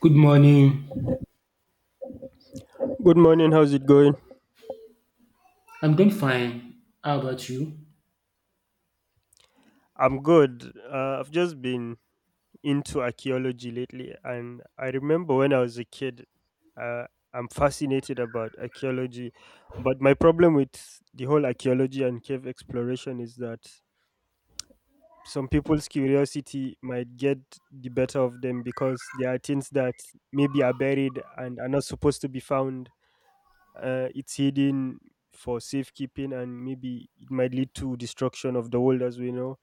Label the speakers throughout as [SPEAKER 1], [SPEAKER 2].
[SPEAKER 1] Good morning.
[SPEAKER 2] Good morning. How's it going?
[SPEAKER 1] I'm doing fine. How about you?
[SPEAKER 2] I'm good. I've just been into archaeology lately, and I remember when I was a kid, uh, I'm fascinated about archaeology. But my problem with the whole archaeology and cave exploration is that some people's curiosity might get the better of them because there are things that maybe are buried and are not supposed to be found, it's hidden for safekeeping and maybe it might lead to destruction of the world as we know,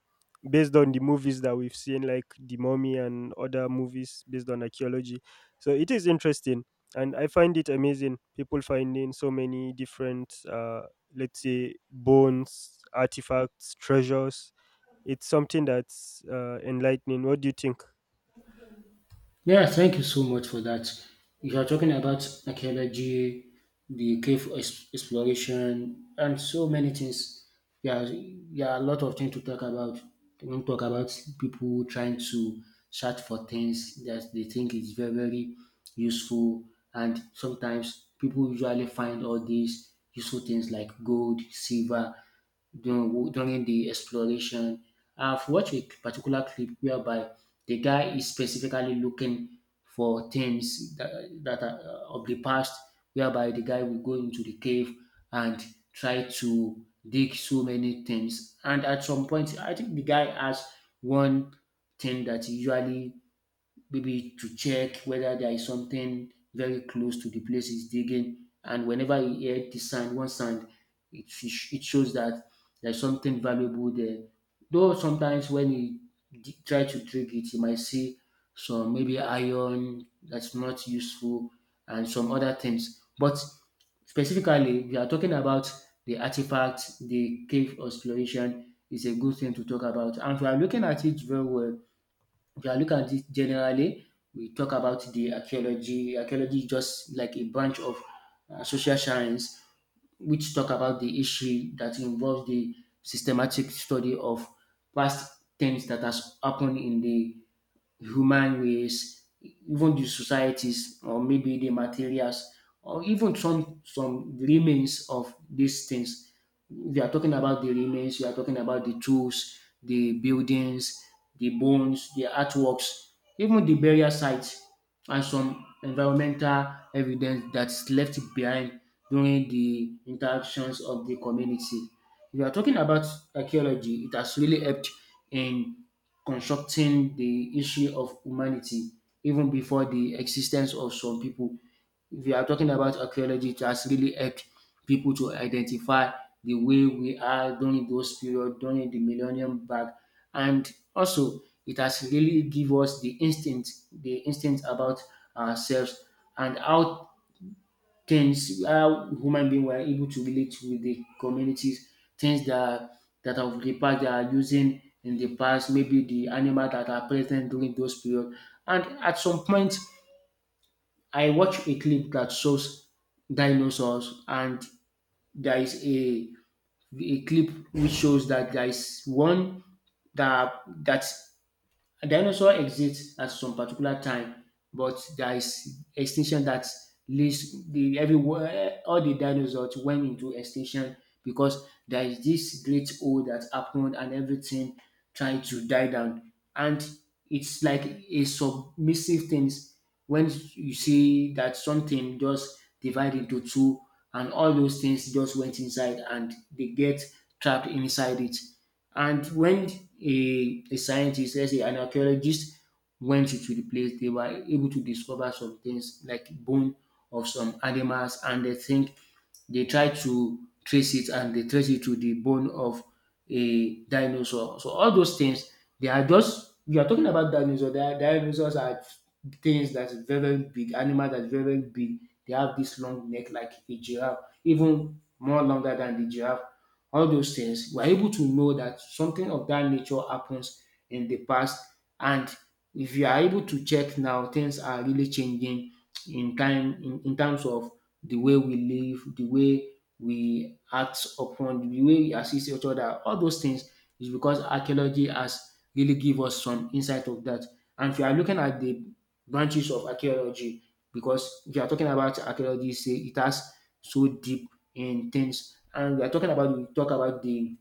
[SPEAKER 2] based on the movies that we've seen like The Mummy and other movies based on archaeology. So it is interesting, and I find it amazing people finding so many different, let's say, bones, artifacts, treasures. It's something that's, enlightening. What do you think?
[SPEAKER 1] Yeah, thank you so much for that. You are talking about archaeology, the exploration, and so many things. Yeah, there are a lot of things to talk about. We don't talk about people trying to search for things that they think is very, very useful. And sometimes people usually find all these useful things like gold, silver, during the exploration. I've watched a particular clip whereby the guy is specifically looking for that are of the past, whereby the guy will go into the cave and try to dig so many things. And at some point, I think the guy has one thing that he usually maybe to check whether there is something very close to the place he's digging. And whenever he heard the sound, one sound, it shows that there's something valuable there. Though sometimes when he try to dig it, he might see some maybe iron that's not useful and some other things. But specifically, we are talking about the artifact, the cave exploration is a good thing to talk about. And if we are looking at it very well, if yeah, look at it generally. We talk about the archaeology. Archaeology is just like a branch of social science, which talk about the issue that involves the systematic study of past things that has happened in the human race, even the societies, or maybe the materials, or even some remains of these things. We are talking about the remains, we are talking about the tools, the buildings, the bones, the artworks, even the burial sites, and some environmental evidence that's left behind during the interactions of the community. If you are talking about archaeology, it has really helped in constructing the issue of humanity even before the existence of some people. If you are talking about archaeology, it has really helped people to identify the way we are during those period, during the millennium back. And also, it has really give us the instinct about ourselves and how things how human being were able to relate with the communities, things that of the past they are using in the past, maybe the animal that are present during those period. And at some point, I watched a clip that shows dinosaurs, and there is a clip which shows that there is one that that a dinosaur exists at some particular time, but there is extinction that leads the everywhere all the dinosaurs went into extinction because there is this great hole that happened and everything tried to die down. And it's like a submissive things when you see that something just divide into two and all those things just went inside and they get trapped inside it. And when a scientist, let's say an archaeologist, went into the place, they were able to discover some things like bone of some animals, and they think they try to trace it and they trace it to the bone of a dinosaur. So all those things, they are just you are talking about dinosaurs. They are, dinosaurs are things that's very, very big, animal that's very, very big. They have this long neck like a giraffe, even more longer than the giraffe all those things, we're able to know that something of that nature happens in the past. And if you are able to check now, things are really changing in time in terms of the way we live, the way we act upon, the way we assist each other, all those things is because archaeology has really give us some insight of that. And if you are looking at the branches of archaeology, because if you are talking about archaeology, say it has so deep in things and we talk about the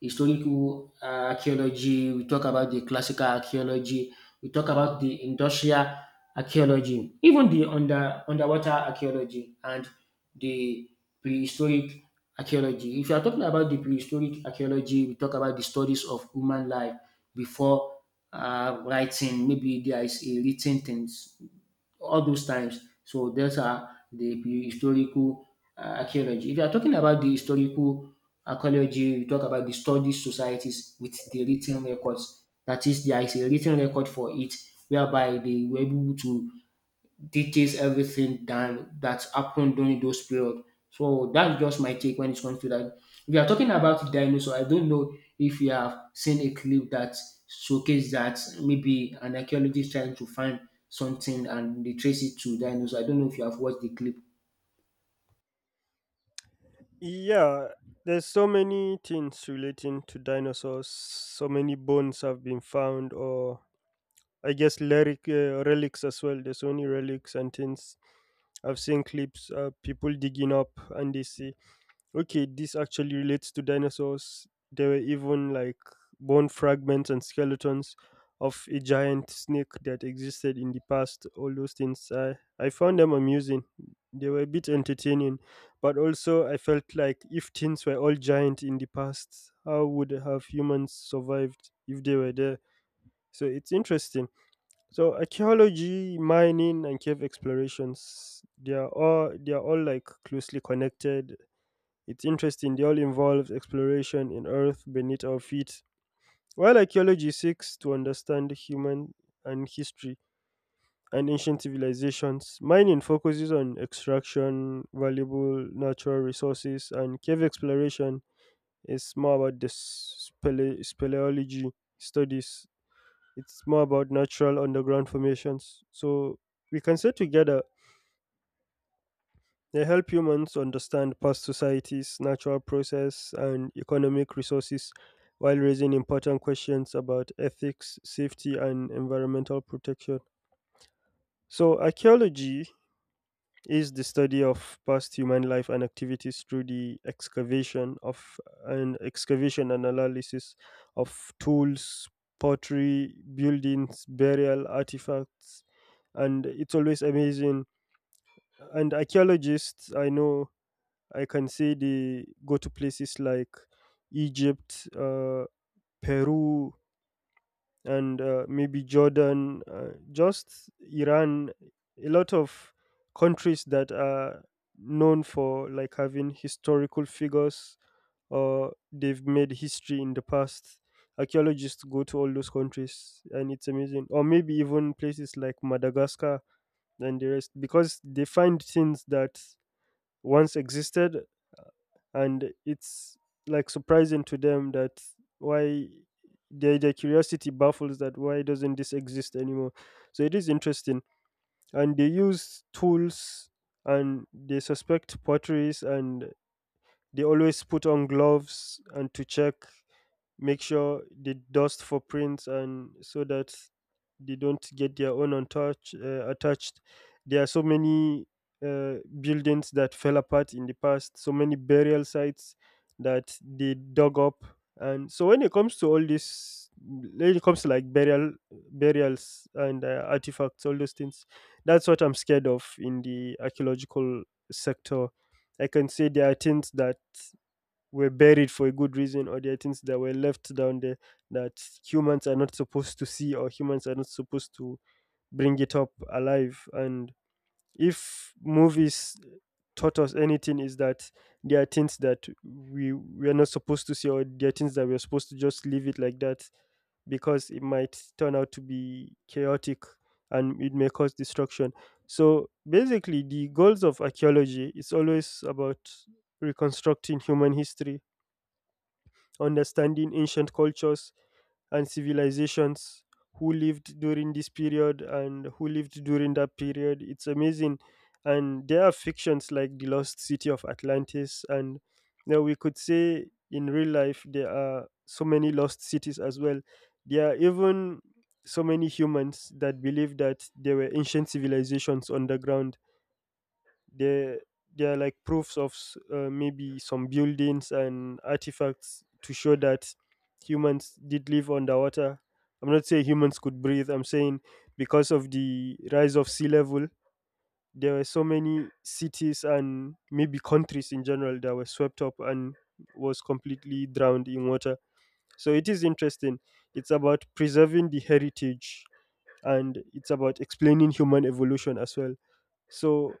[SPEAKER 1] historical archaeology, we talk about the classical archaeology, we talk about the industrial archaeology, even the underwater archaeology and the prehistoric archaeology. If you are talking about the prehistoric archaeology, we talk about the studies of human life before writing. Maybe there is a written things all those times. So those are the historical archaeology. If you are talking about the historical archaeology, you talk about the study societies with the written records. That is, there is a written record for it, whereby they were able to details everything than that happened during those period. So that's just my take when it comes to that. We are talking about dinosaur. I don't know if you have seen a clip that showcase that maybe an archaeologist trying to find something and they trace it to dinosaur. I don't know if you have watched the clip.
[SPEAKER 2] Yeah, there's so many things relating to dinosaurs. So many bones have been found, or I guess lyric, relics as well. There's only relics and things. I've seen clips of people digging up and they see, okay, this actually relates to dinosaurs. There were even like bone fragments and skeletons of a giant snake that existed in the past. All those things, I found them amusing. They were a bit entertaining, but also I felt like if things were all giant in the past, how would have humans survived if they were there? So it's interesting. So archaeology, mining, and cave explorations—they are all like closely connected. It's interesting, they all involve exploration in earth beneath our feet. While archaeology seeks to understand human and history and ancient civilizations, mining focuses on extraction, valuable natural resources, and cave exploration is more about the speleology studies. It's more about natural underground formations. So we can say together they help humans understand past societies, natural process, and economic resources while raising important questions about ethics, safety, and environmental protection. So, archaeology is the study of past human life and activities through the excavation and analysis of tools, pottery, buildings, burial artifacts, and it's always amazing. And archaeologists, I know, I can say they go to places like Egypt, Peru, and maybe Jordan, just Iran, a lot of countries that are known for like having historical figures or they've made history in the past. Archaeologists go to all those countries and it's amazing. Or maybe even places like Madagascar and the rest because they find things that once existed, and it's like surprising to them that why their curiosity baffles, that why doesn't this exist anymore. So it is interesting, and they use tools, and they suspect potteries, and they always put on gloves and to check, make sure they dust for prints and so that they don't get their own attached. There are so many, uh, buildings that fell apart in the past, so many burial sites that they dug up. And so when it comes to all this, when it comes to like burial, burials and artifacts, all those things, that's what I'm scared of in the archaeological sector. I can say there are things that were buried for a good reason, or there are things that were left down there that humans are not supposed to see, or humans are not supposed to bring it up alive. And if movies taught us anything is that there are things that we are not supposed to see, or there are things that we are supposed to just leave it like that because it might turn out to be chaotic and it may cause destruction. So basically the goals of archaeology is always about reconstructing human history, understanding ancient cultures and civilizations, who lived during this period and who lived during that period. It's amazing. And there are fictions like The Lost City of Atlantis. And now we could say in real life, there are so many lost cities as well. There are even so many humans that believe that there were ancient civilizations underground. They they are like proofs of maybe some buildings and artifacts to show that humans did live underwater. I'm not saying humans could breathe, I'm saying because of the rise of sea level, there were so many cities and maybe countries in general that were swept up and was completely drowned in water. So it is interesting. It's about preserving the heritage, and it's about explaining human evolution as well. So,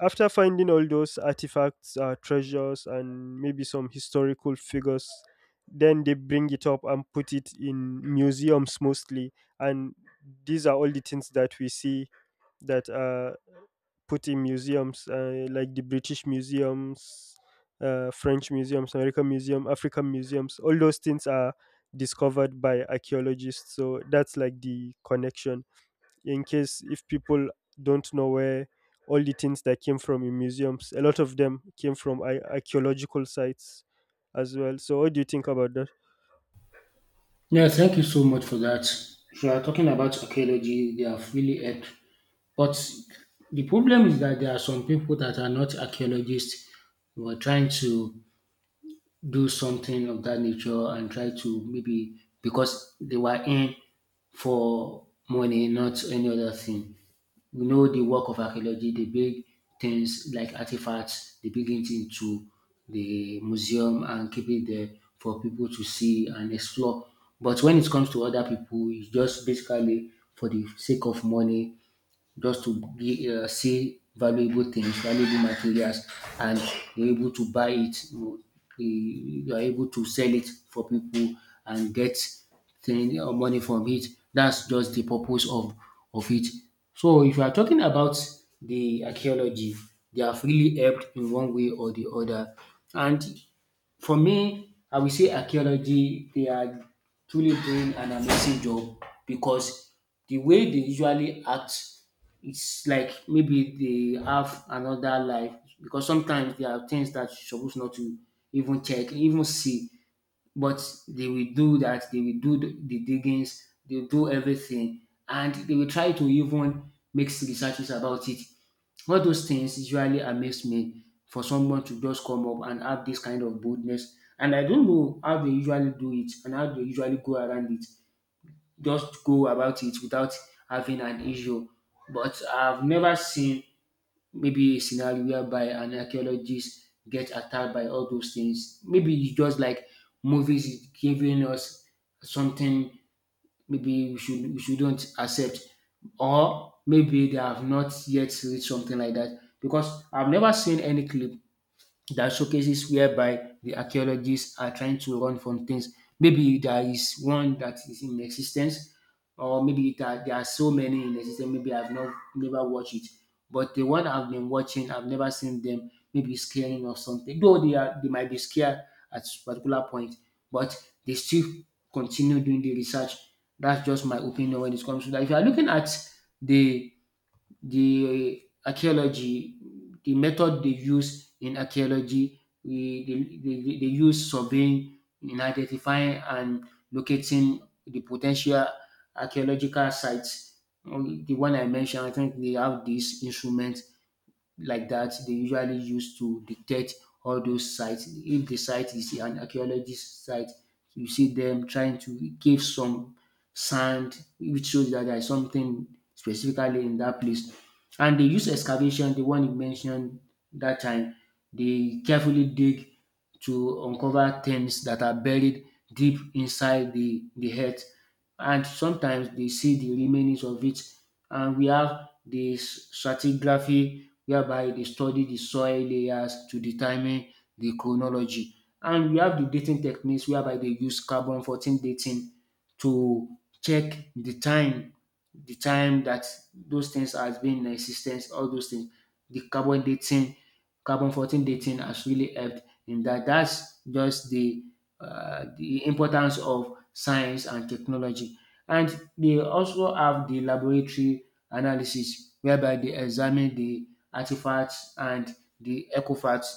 [SPEAKER 2] after finding all those artifacts, treasures, and maybe some historical figures, then they bring it up and put it in museums mostly. And these are all the things that we see that are put in museums, like the British museums, French museums, American museum, African museums. All those things are discovered by archaeologists. So that's like the connection, in case if people don't know where all the things that came from in museums, a lot of them came from archaeological sites as well. So what do you think about that?
[SPEAKER 1] Yeah, thank you so much for that. If you are talking about archaeology, they have really helped. But the problem is that there are some people that are not archaeologists who are trying to do something of that nature and try to maybe because they were in for money, not any other thing. We know the work of archaeology, the big things like artifacts, they bring it into the museum and keep it there for people to see and explore. But when it comes to other people, it's just basically for the sake of money just to be, see valuable things, valuable materials, and you're able to buy it. You are able to sell it for people and get thing or money from it. That's just the purpose of it. So if you are talking about the archaeology, they have really helped in one way or the other. And for me, I will say archaeology, they are truly doing an amazing job because the way they usually act it's like maybe they have another life because sometimes there are things that you're supposed not to even check, even see. But they will do that, they will do the diggings, they'll do everything, and they will try to even make researches about it. All those things usually amaze me for someone to just come up and have this kind of boldness. And I don't know how they usually do it and how they usually go around it just go about it without having an issue. But I've never seen maybe a scenario whereby an archaeologist gets attacked by all those things. Maybe it's just like movies is giving us something maybe we should we shouldn't accept, or maybe they have not yet read something like that because I've never seen any clip that showcases whereby the archaeologists are trying to run from things. Maybe there is one that is in existence, or there are so many in existence. Maybe I've not never watched it, but the one I've been watching, I've never seen them. Maybe scaring or something. Though they are, they might be scared at particular point, but they still continue doing the research. That's just my opinion when it comes to that. If you are looking at the the archaeology, the method they use in archaeology, they they use surveying in identifying and locating the potential archaeological sites. The one I mentioned, I think they have this instrument like that they usually use to detect all those sites. If the site is an archaeologist site, you see them trying to give some sand, which shows that there is something specifically in that place. And they use excavation, the one you mentioned that time. They carefully dig to uncover things that are buried deep inside the earth. And sometimes they see the remains of it. And we have the stratigraphy whereby they study the soil layers to determine the chronology. And we have the dating techniques whereby they use carbon 14 dating to check the time that those things has been in existence, all those things. The carbon dating, carbon 14 dating has really helped in that. That's just the importance of science and technology. And they also have the laboratory analysis whereby they examine the artifacts and the EcoFacts.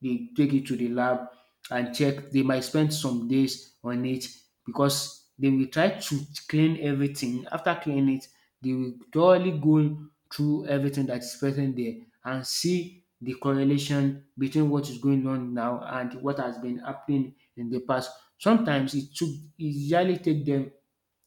[SPEAKER 1] They take it to the lab and check. They might spend some days on it because they will try to clean everything. After cleaning it, they will thoroughly go through everything that is present there and see the correlation between what is going on now and what has been happening in the past. Sometimes it usually take them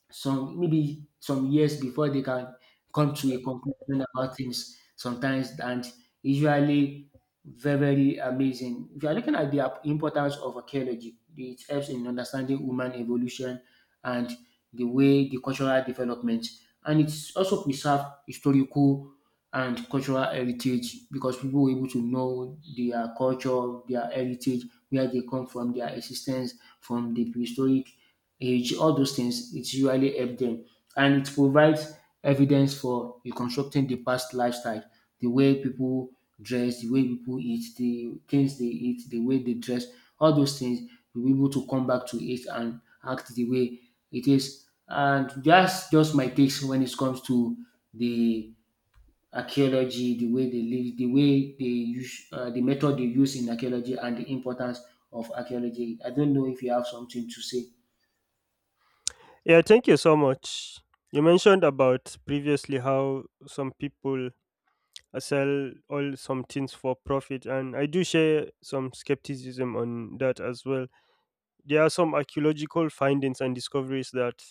[SPEAKER 1] some maybe some years before they can come to a conclusion about things sometimes and usually very very amazing if you are looking at the importance of archaeology. It helps in understanding human evolution and the way the cultural development, and it's also preserve historical and cultural heritage because people were able to know their culture, their heritage, where they come from, their existence from the prehistoric age. All those things, it usually help them. And it provides evidence for reconstructing the past lifestyle, the way people dress, the way people eat, the things they eat, the way they dress, all those things, you'll be able to come back to it and act the way it is. And that's just my takes when it comes to the archaeology, the way they live, the way they use, the method they use in archaeology, and the importance of archaeology. I don't know if you have something to say.
[SPEAKER 2] Yeah, thank you so much. You mentioned about previously how some people I sell all some things for profit, and I do share some skepticism on that as well. There are some archaeological findings and discoveries that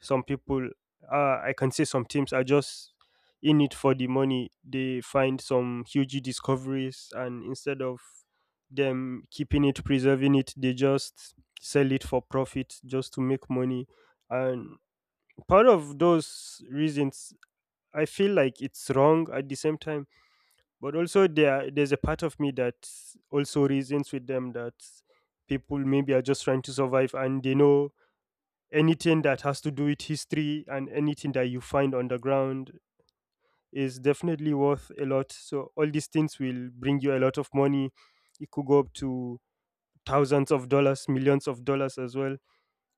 [SPEAKER 2] some people, I can say, some teams are just in it for the money. They find some huge discoveries, and instead of them keeping it, preserving it, they just sell it for profit just to make money. And part of those reasons, I feel like it's wrong at the same time, but also there's a part of me that also reasons with them that people maybe are just trying to survive, and they know anything that has to do with history and anything that you find on the ground is definitely worth a lot. So all these things will bring you a lot of money. It could go up to thousands of dollars, millions of dollars as well.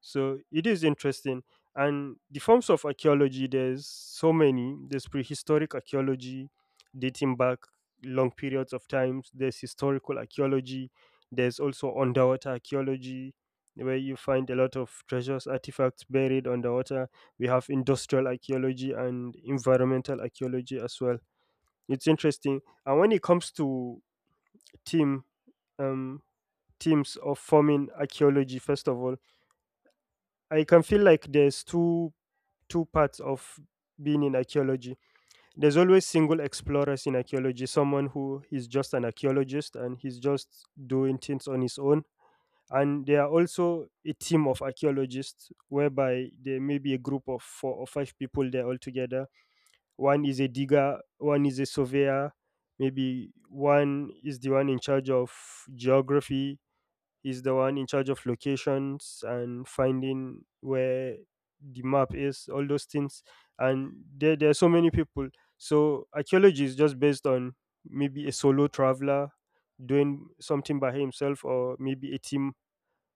[SPEAKER 2] So it is interesting. And the forms of archaeology, there's so many. There's prehistoric archaeology dating back long periods of times, there's historical archaeology, there's also underwater archaeology, where you find a lot of treasures, artifacts buried underwater. We have industrial archaeology and environmental archaeology as well. It's interesting. And when it comes to team, um, teams of forming archaeology, first of all, I can feel like there's two parts of being in archaeology. There's always single explorers in archaeology, someone who is just an archaeologist and he's just doing things on his own. And there are also a team of archaeologists whereby there may be a group of four or five people there all together. One is a digger, one is a surveyor, maybe one is the one in charge of geography, he's the one in charge of locations and finding where the map is, all those things. And there are so many people. So archaeology is just based on maybe a solo traveler doing something by himself, or maybe a team,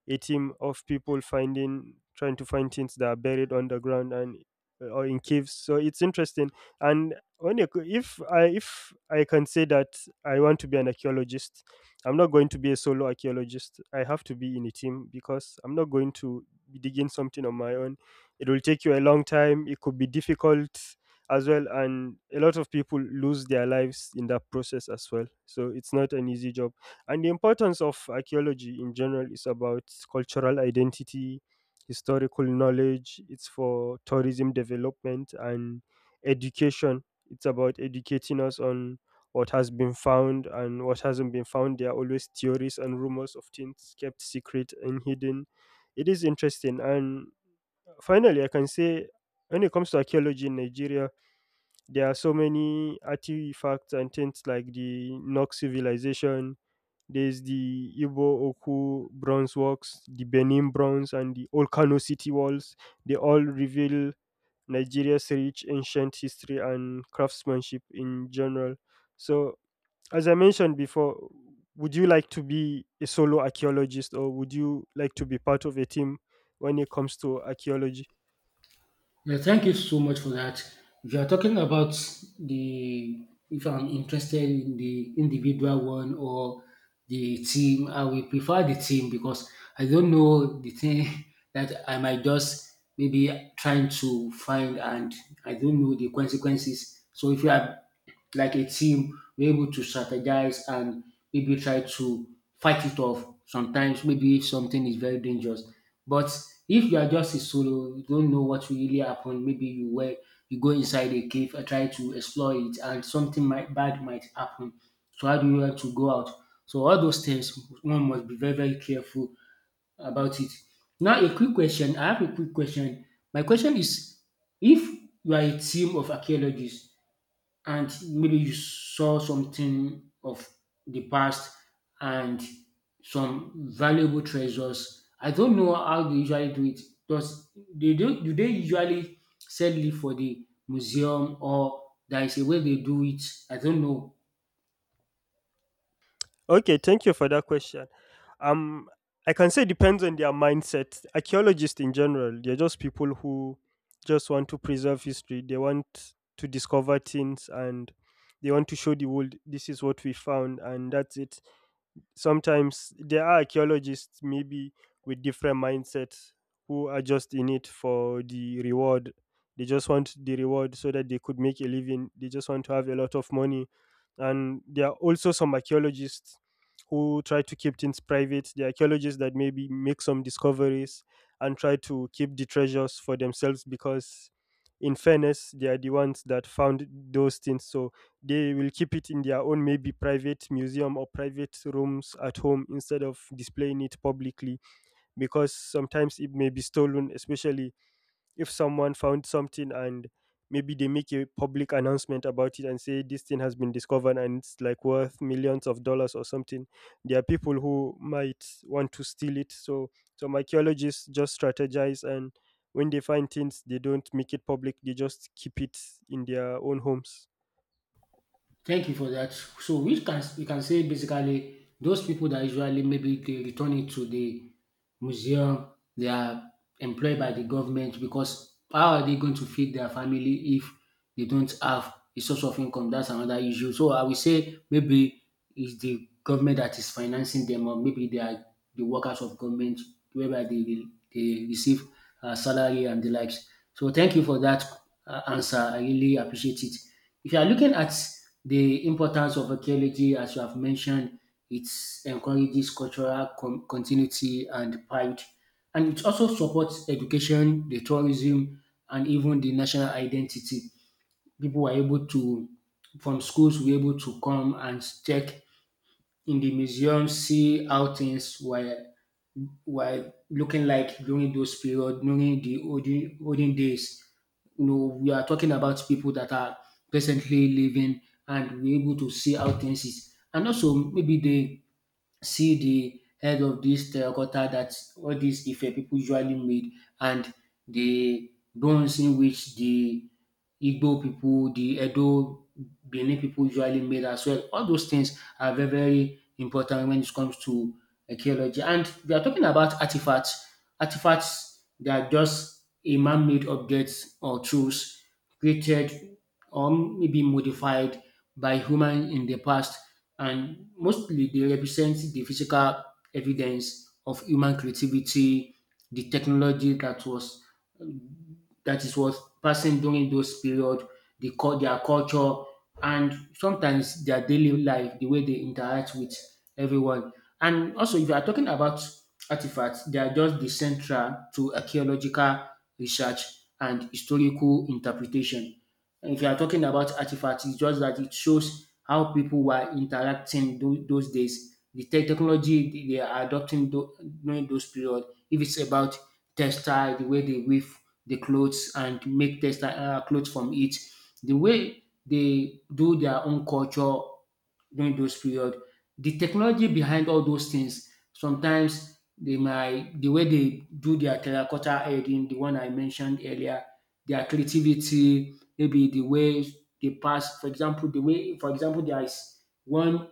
[SPEAKER 2] a team of people finding, trying to find things that are buried underground and, or in caves. So it's interesting. And when you, if I can say that I want to be an archaeologist, I'm not going to be a solo archaeologist, I have to be in a team because I'm not going to be digging something on my own. It will take you a long time, it could be difficult as well, and a lot of people lose their lives in that process as well. So it's not an easy job. And the importance of archaeology in general is about cultural identity, historical knowledge, it's for tourism development and education. It's about educating us on what has been found and what hasn't been found. There are always theories and rumors of things kept secret and hidden. It is interesting. And finally, I can say when it comes to archaeology in Nigeria, there are so many artifacts and things like the Nok civilization, there's the Igbo Oku bronze works, the Benin bronze, and the old Kano city walls. They all reveal Nigeria's rich ancient history and craftsmanship in general. So, as I mentioned before, would you like to be a solo archaeologist or would you like to be part of a team when it comes to archaeology?
[SPEAKER 1] Yeah, thank you so much for that. If you are talking about the if I'm interested in the individual one or the team, I will prefer the team because I don't know the thing that I might just maybe trying to find, and I don't know the consequences. So if you are like a team, we're able to strategize and maybe try to fight it off sometimes, maybe if something is very dangerous. But if you are just a solo, you don't know what will really happen. Maybe you go inside a cave and try to explore it, and something might bad might happen. So how do you want to go out? So all those things, one must be very very careful about it. Now, a quick question. I have a quick question. My question is, if you are a team of archaeologists and maybe you saw something of the past and some valuable treasures, I don't know how they usually do it. Do they usually sell it for the museum, or there is a way they do it? I don't know.
[SPEAKER 2] Okay, thank you for that question. Um, I can say depends on their mindset. Archaeologists in general, they're just people who just want to preserve history. They want to discover things and they want to show the world this is what we found and that's it. Sometimes there are archaeologists maybe with different mindsets who are just in it for the reward. They just want the reward so that they could make a living, they just want to have a lot of money. And there are also some archaeologists who try to keep things private, the archaeologists that maybe make some discoveries and try to keep the treasures for themselves because in fairness they are the ones that found those things. So they will keep it in their own maybe private museum or private rooms at home instead of displaying it publicly, because sometimes it may be stolen, especially if someone found something and maybe they make a public announcement about it and say this thing has been discovered and it's like worth millions of dollars or something. There are people who might want to steal it. So some archaeologists just strategize, and when they find things they don't make it public, they just keep it in their own homes.
[SPEAKER 1] Thank you for that. So we can say basically those people that usually maybe they return it to the museum, they are employed by the government, because how are they going to feed their family if they don't have a source of income? That's another issue. So I will say maybe it's the government that is financing them, or maybe they are the workers of government whereby they receive salary and the likes. So thank you for that answer. I really appreciate it. If you are looking at the importance of archaeology, as you have mentioned, it encourages cultural continuity and pride, and it also supports education, the tourism, and even the national identity. People were able to, from schools, were able to come and check in the museum, see how things were looking like during those period, during the olden, olden days. You know, we are talking about people that are presently living, and we're able to see how things is. And also maybe they see the head of this terracotta that all these Ife people usually made, and the bronze in which the Igbo people, the Edo, Benin people usually made as well. All those things are very, very important when it comes to archaeology. And we are talking about artifacts. Artifacts, they are just a man-made objects or tools created or maybe modified by human in the past, and mostly they represent the physical evidence of human creativity, the technology that was that is was passing during those period, the their culture, and sometimes their daily life, the way they interact with everyone. And also, if you are talking about artifacts, they are just the central to archaeological research and historical interpretation. And if you are talking about artifacts, it's just that it shows how people were interacting those days, the technology they are adopting during those period. If it's about textile, the way they weave the clothes and make textile clothes from it, the way they do their own culture during those period. The technology behind all those things, sometimes they might the way they do their terracotta heading, the one I mentioned earlier, their creativity, maybe the way they pass. For example, the way, for example, there is one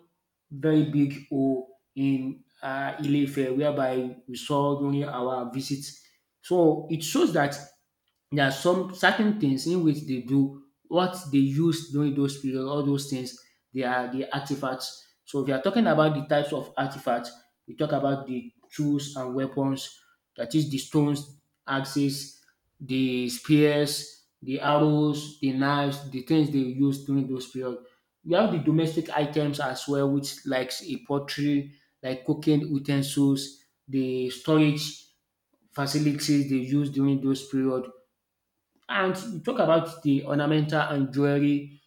[SPEAKER 1] very big hole in Ilefe whereby we saw during our visit. So it shows that there are some certain things in which they do what they use during those period. All those things, they are the artifacts. So if you are talking about the types of artifacts, we talk about the tools and weapons, that is the stones, axes, the spears, the arrows, the knives, the things they use during those period. We have the domestic items as well, which likes a pottery, like cooking utensils, the storage facilities they use during those period. And you talk about the ornamental and jewelry,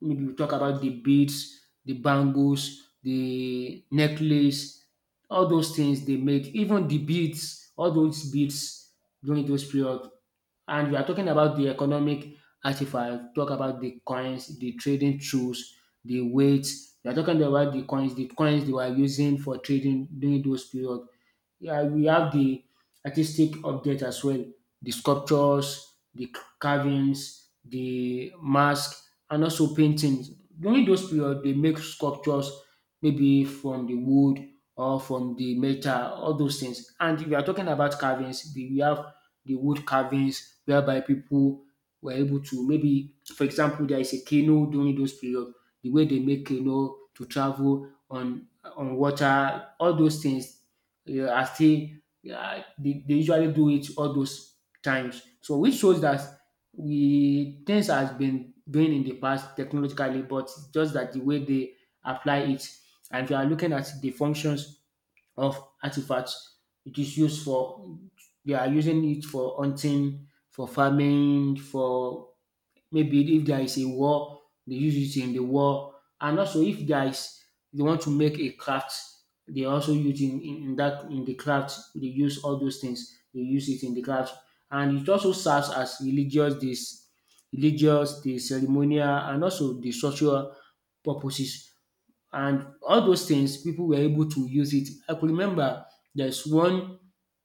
[SPEAKER 1] maybe we talk about the beads, the bangles, the necklace, all those things they made, even the beads, all those beads during those period. And we are talking about the economic artifact, talk about the coins, the trading tools, the weights. We are talking about the coins they were using for trading during those period. Yeah, we have the artistic update as well, the sculptures, the carvings, the mask, and also paintings. During those period, they make sculptures maybe from the wood or from the metal, all those things. And if you are talking about carvings, we have the wood carvings whereby people were able to maybe, for example, there is a canoe during those period, the way they make canoe to travel on water, all those things. Yeah, I still yeah, they usually do it all those times. So which shows that we things has been doing in the past technologically, but it's just that the way they apply it. And if you are looking at the functions of artifacts, it is used for they are using it for hunting, for farming, for maybe if there is a war, they use it in the war. And also if there is they want to make a craft, they also use in that in the craft, they use all those things, they use it in the craft. And it also serves as religious, the ceremonial and also the social purposes, and all those things people were able to use it. I could remember there's one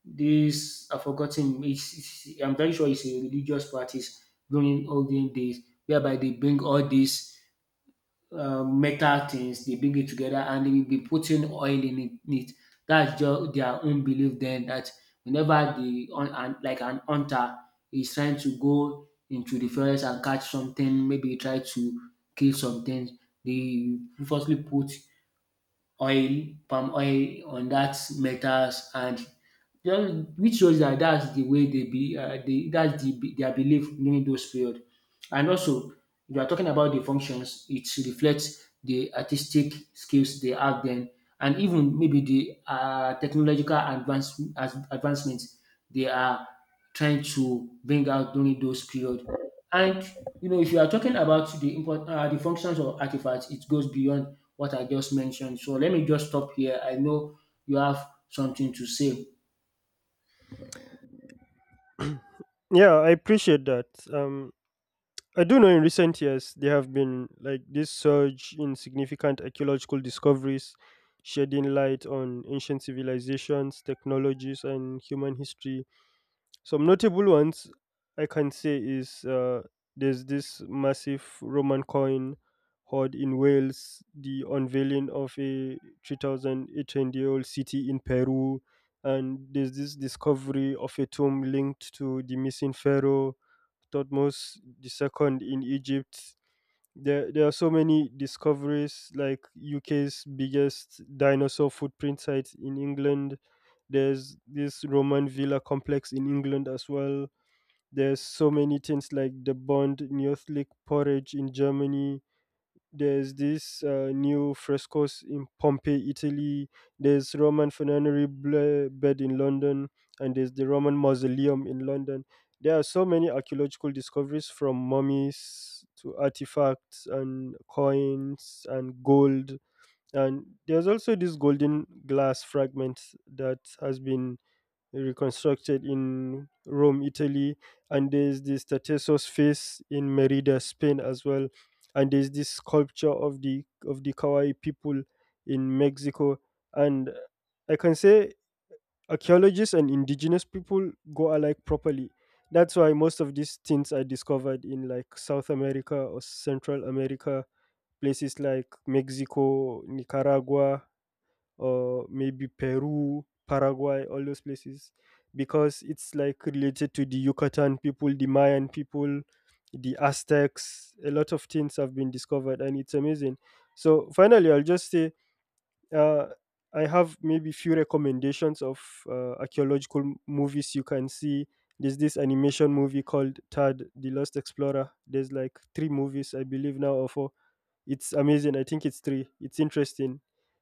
[SPEAKER 1] this I've forgotten. I'm very sure it's a religious practice during olden days, whereby they bring all these metal things, they bring it together, and they will be putting oil in it. That's just their own belief. Then that whenever the on and like an hunter is trying to go into the forest and catch something, maybe try to kill something, they firstly put oil, palm oil on that metals and just which shows that that's the way they be they that's the their belief during those period. And also if you are talking about the functions, it reflects the artistic skills they have then, and even maybe the technological advancements they are trying to bring out during those period. And you know, if you are talking about the import the functions of artifacts, it goes beyond what I just mentioned. So let me just stop here. I know you have something to say.
[SPEAKER 2] Yeah, I appreciate that. Um, I do know in recent years there have been like this surge in significant archaeological discoveries, shedding light on ancient civilizations, technologies, and human history. Some notable ones I can say is, there's this massive Roman coin hoard in Wales, the unveiling of a 3,800 year old city in Peru, and there's this discovery of a tomb linked to the missing pharaoh Thutmose II in Egypt. There are so many discoveries, like UK's biggest dinosaur footprint site in England. There's this Roman villa complex in England as well. There's so many things like the Bond Neolithic porridge in Germany, there's this, new frescoes in Pompeii, Italy, there's Roman funerary bed in London, and there's the Roman mausoleum in London. There are so many archaeological discoveries, from mummies to artifacts and coins and gold. And there's also this golden glass fragment that has been reconstructed in Rome, Italy, and there's the Statue's face in Merida, Spain as well, and there's this sculpture of the Kawai people in Mexico. And I can say archaeologists and indigenous people go alike properly. That's why most of these things are discovered in like South America or Central America, places like Mexico, Nicaragua, or maybe Peru, Paraguay, all those places, because it's like related to the Yucatan people, the Mayan people, the Aztecs. A lot of things have been discovered, and it's amazing. So finally, I'll just say, uh, I have maybe few recommendations of, archaeological movies you can see. There's this animation movie called Tad the Lost Explorer. There's like three movies, I believe now, or four. It's amazing. I think it's three. It's interesting.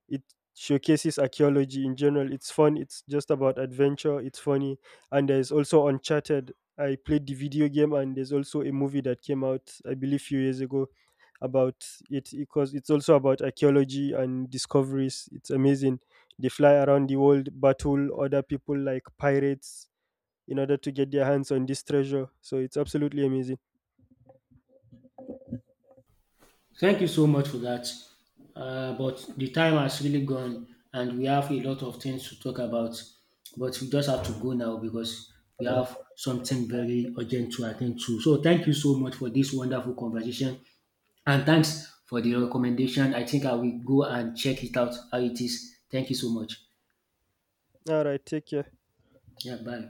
[SPEAKER 2] It showcases archaeology in general. It's fun. It's just about adventure. It's funny. And there's also Uncharted. I played the video game, and there's also a movie that came out, I believe, few years ago about it, because it's also about archaeology and discoveries. It's amazing. They fly around the world, battle other people like pirates in order to get their hands on this treasure. So it's absolutely amazing.
[SPEAKER 1] Thank you so much for that. But the time has really gone, and we have a lot of things to talk about. But we just have to go now because we have something very urgent to attend to. So thank you so much for this wonderful conversation, and thanks for the recommendation. I think I will go and check it out how it is. Thank you so much.
[SPEAKER 2] All right, take care.
[SPEAKER 1] Yeah, bye.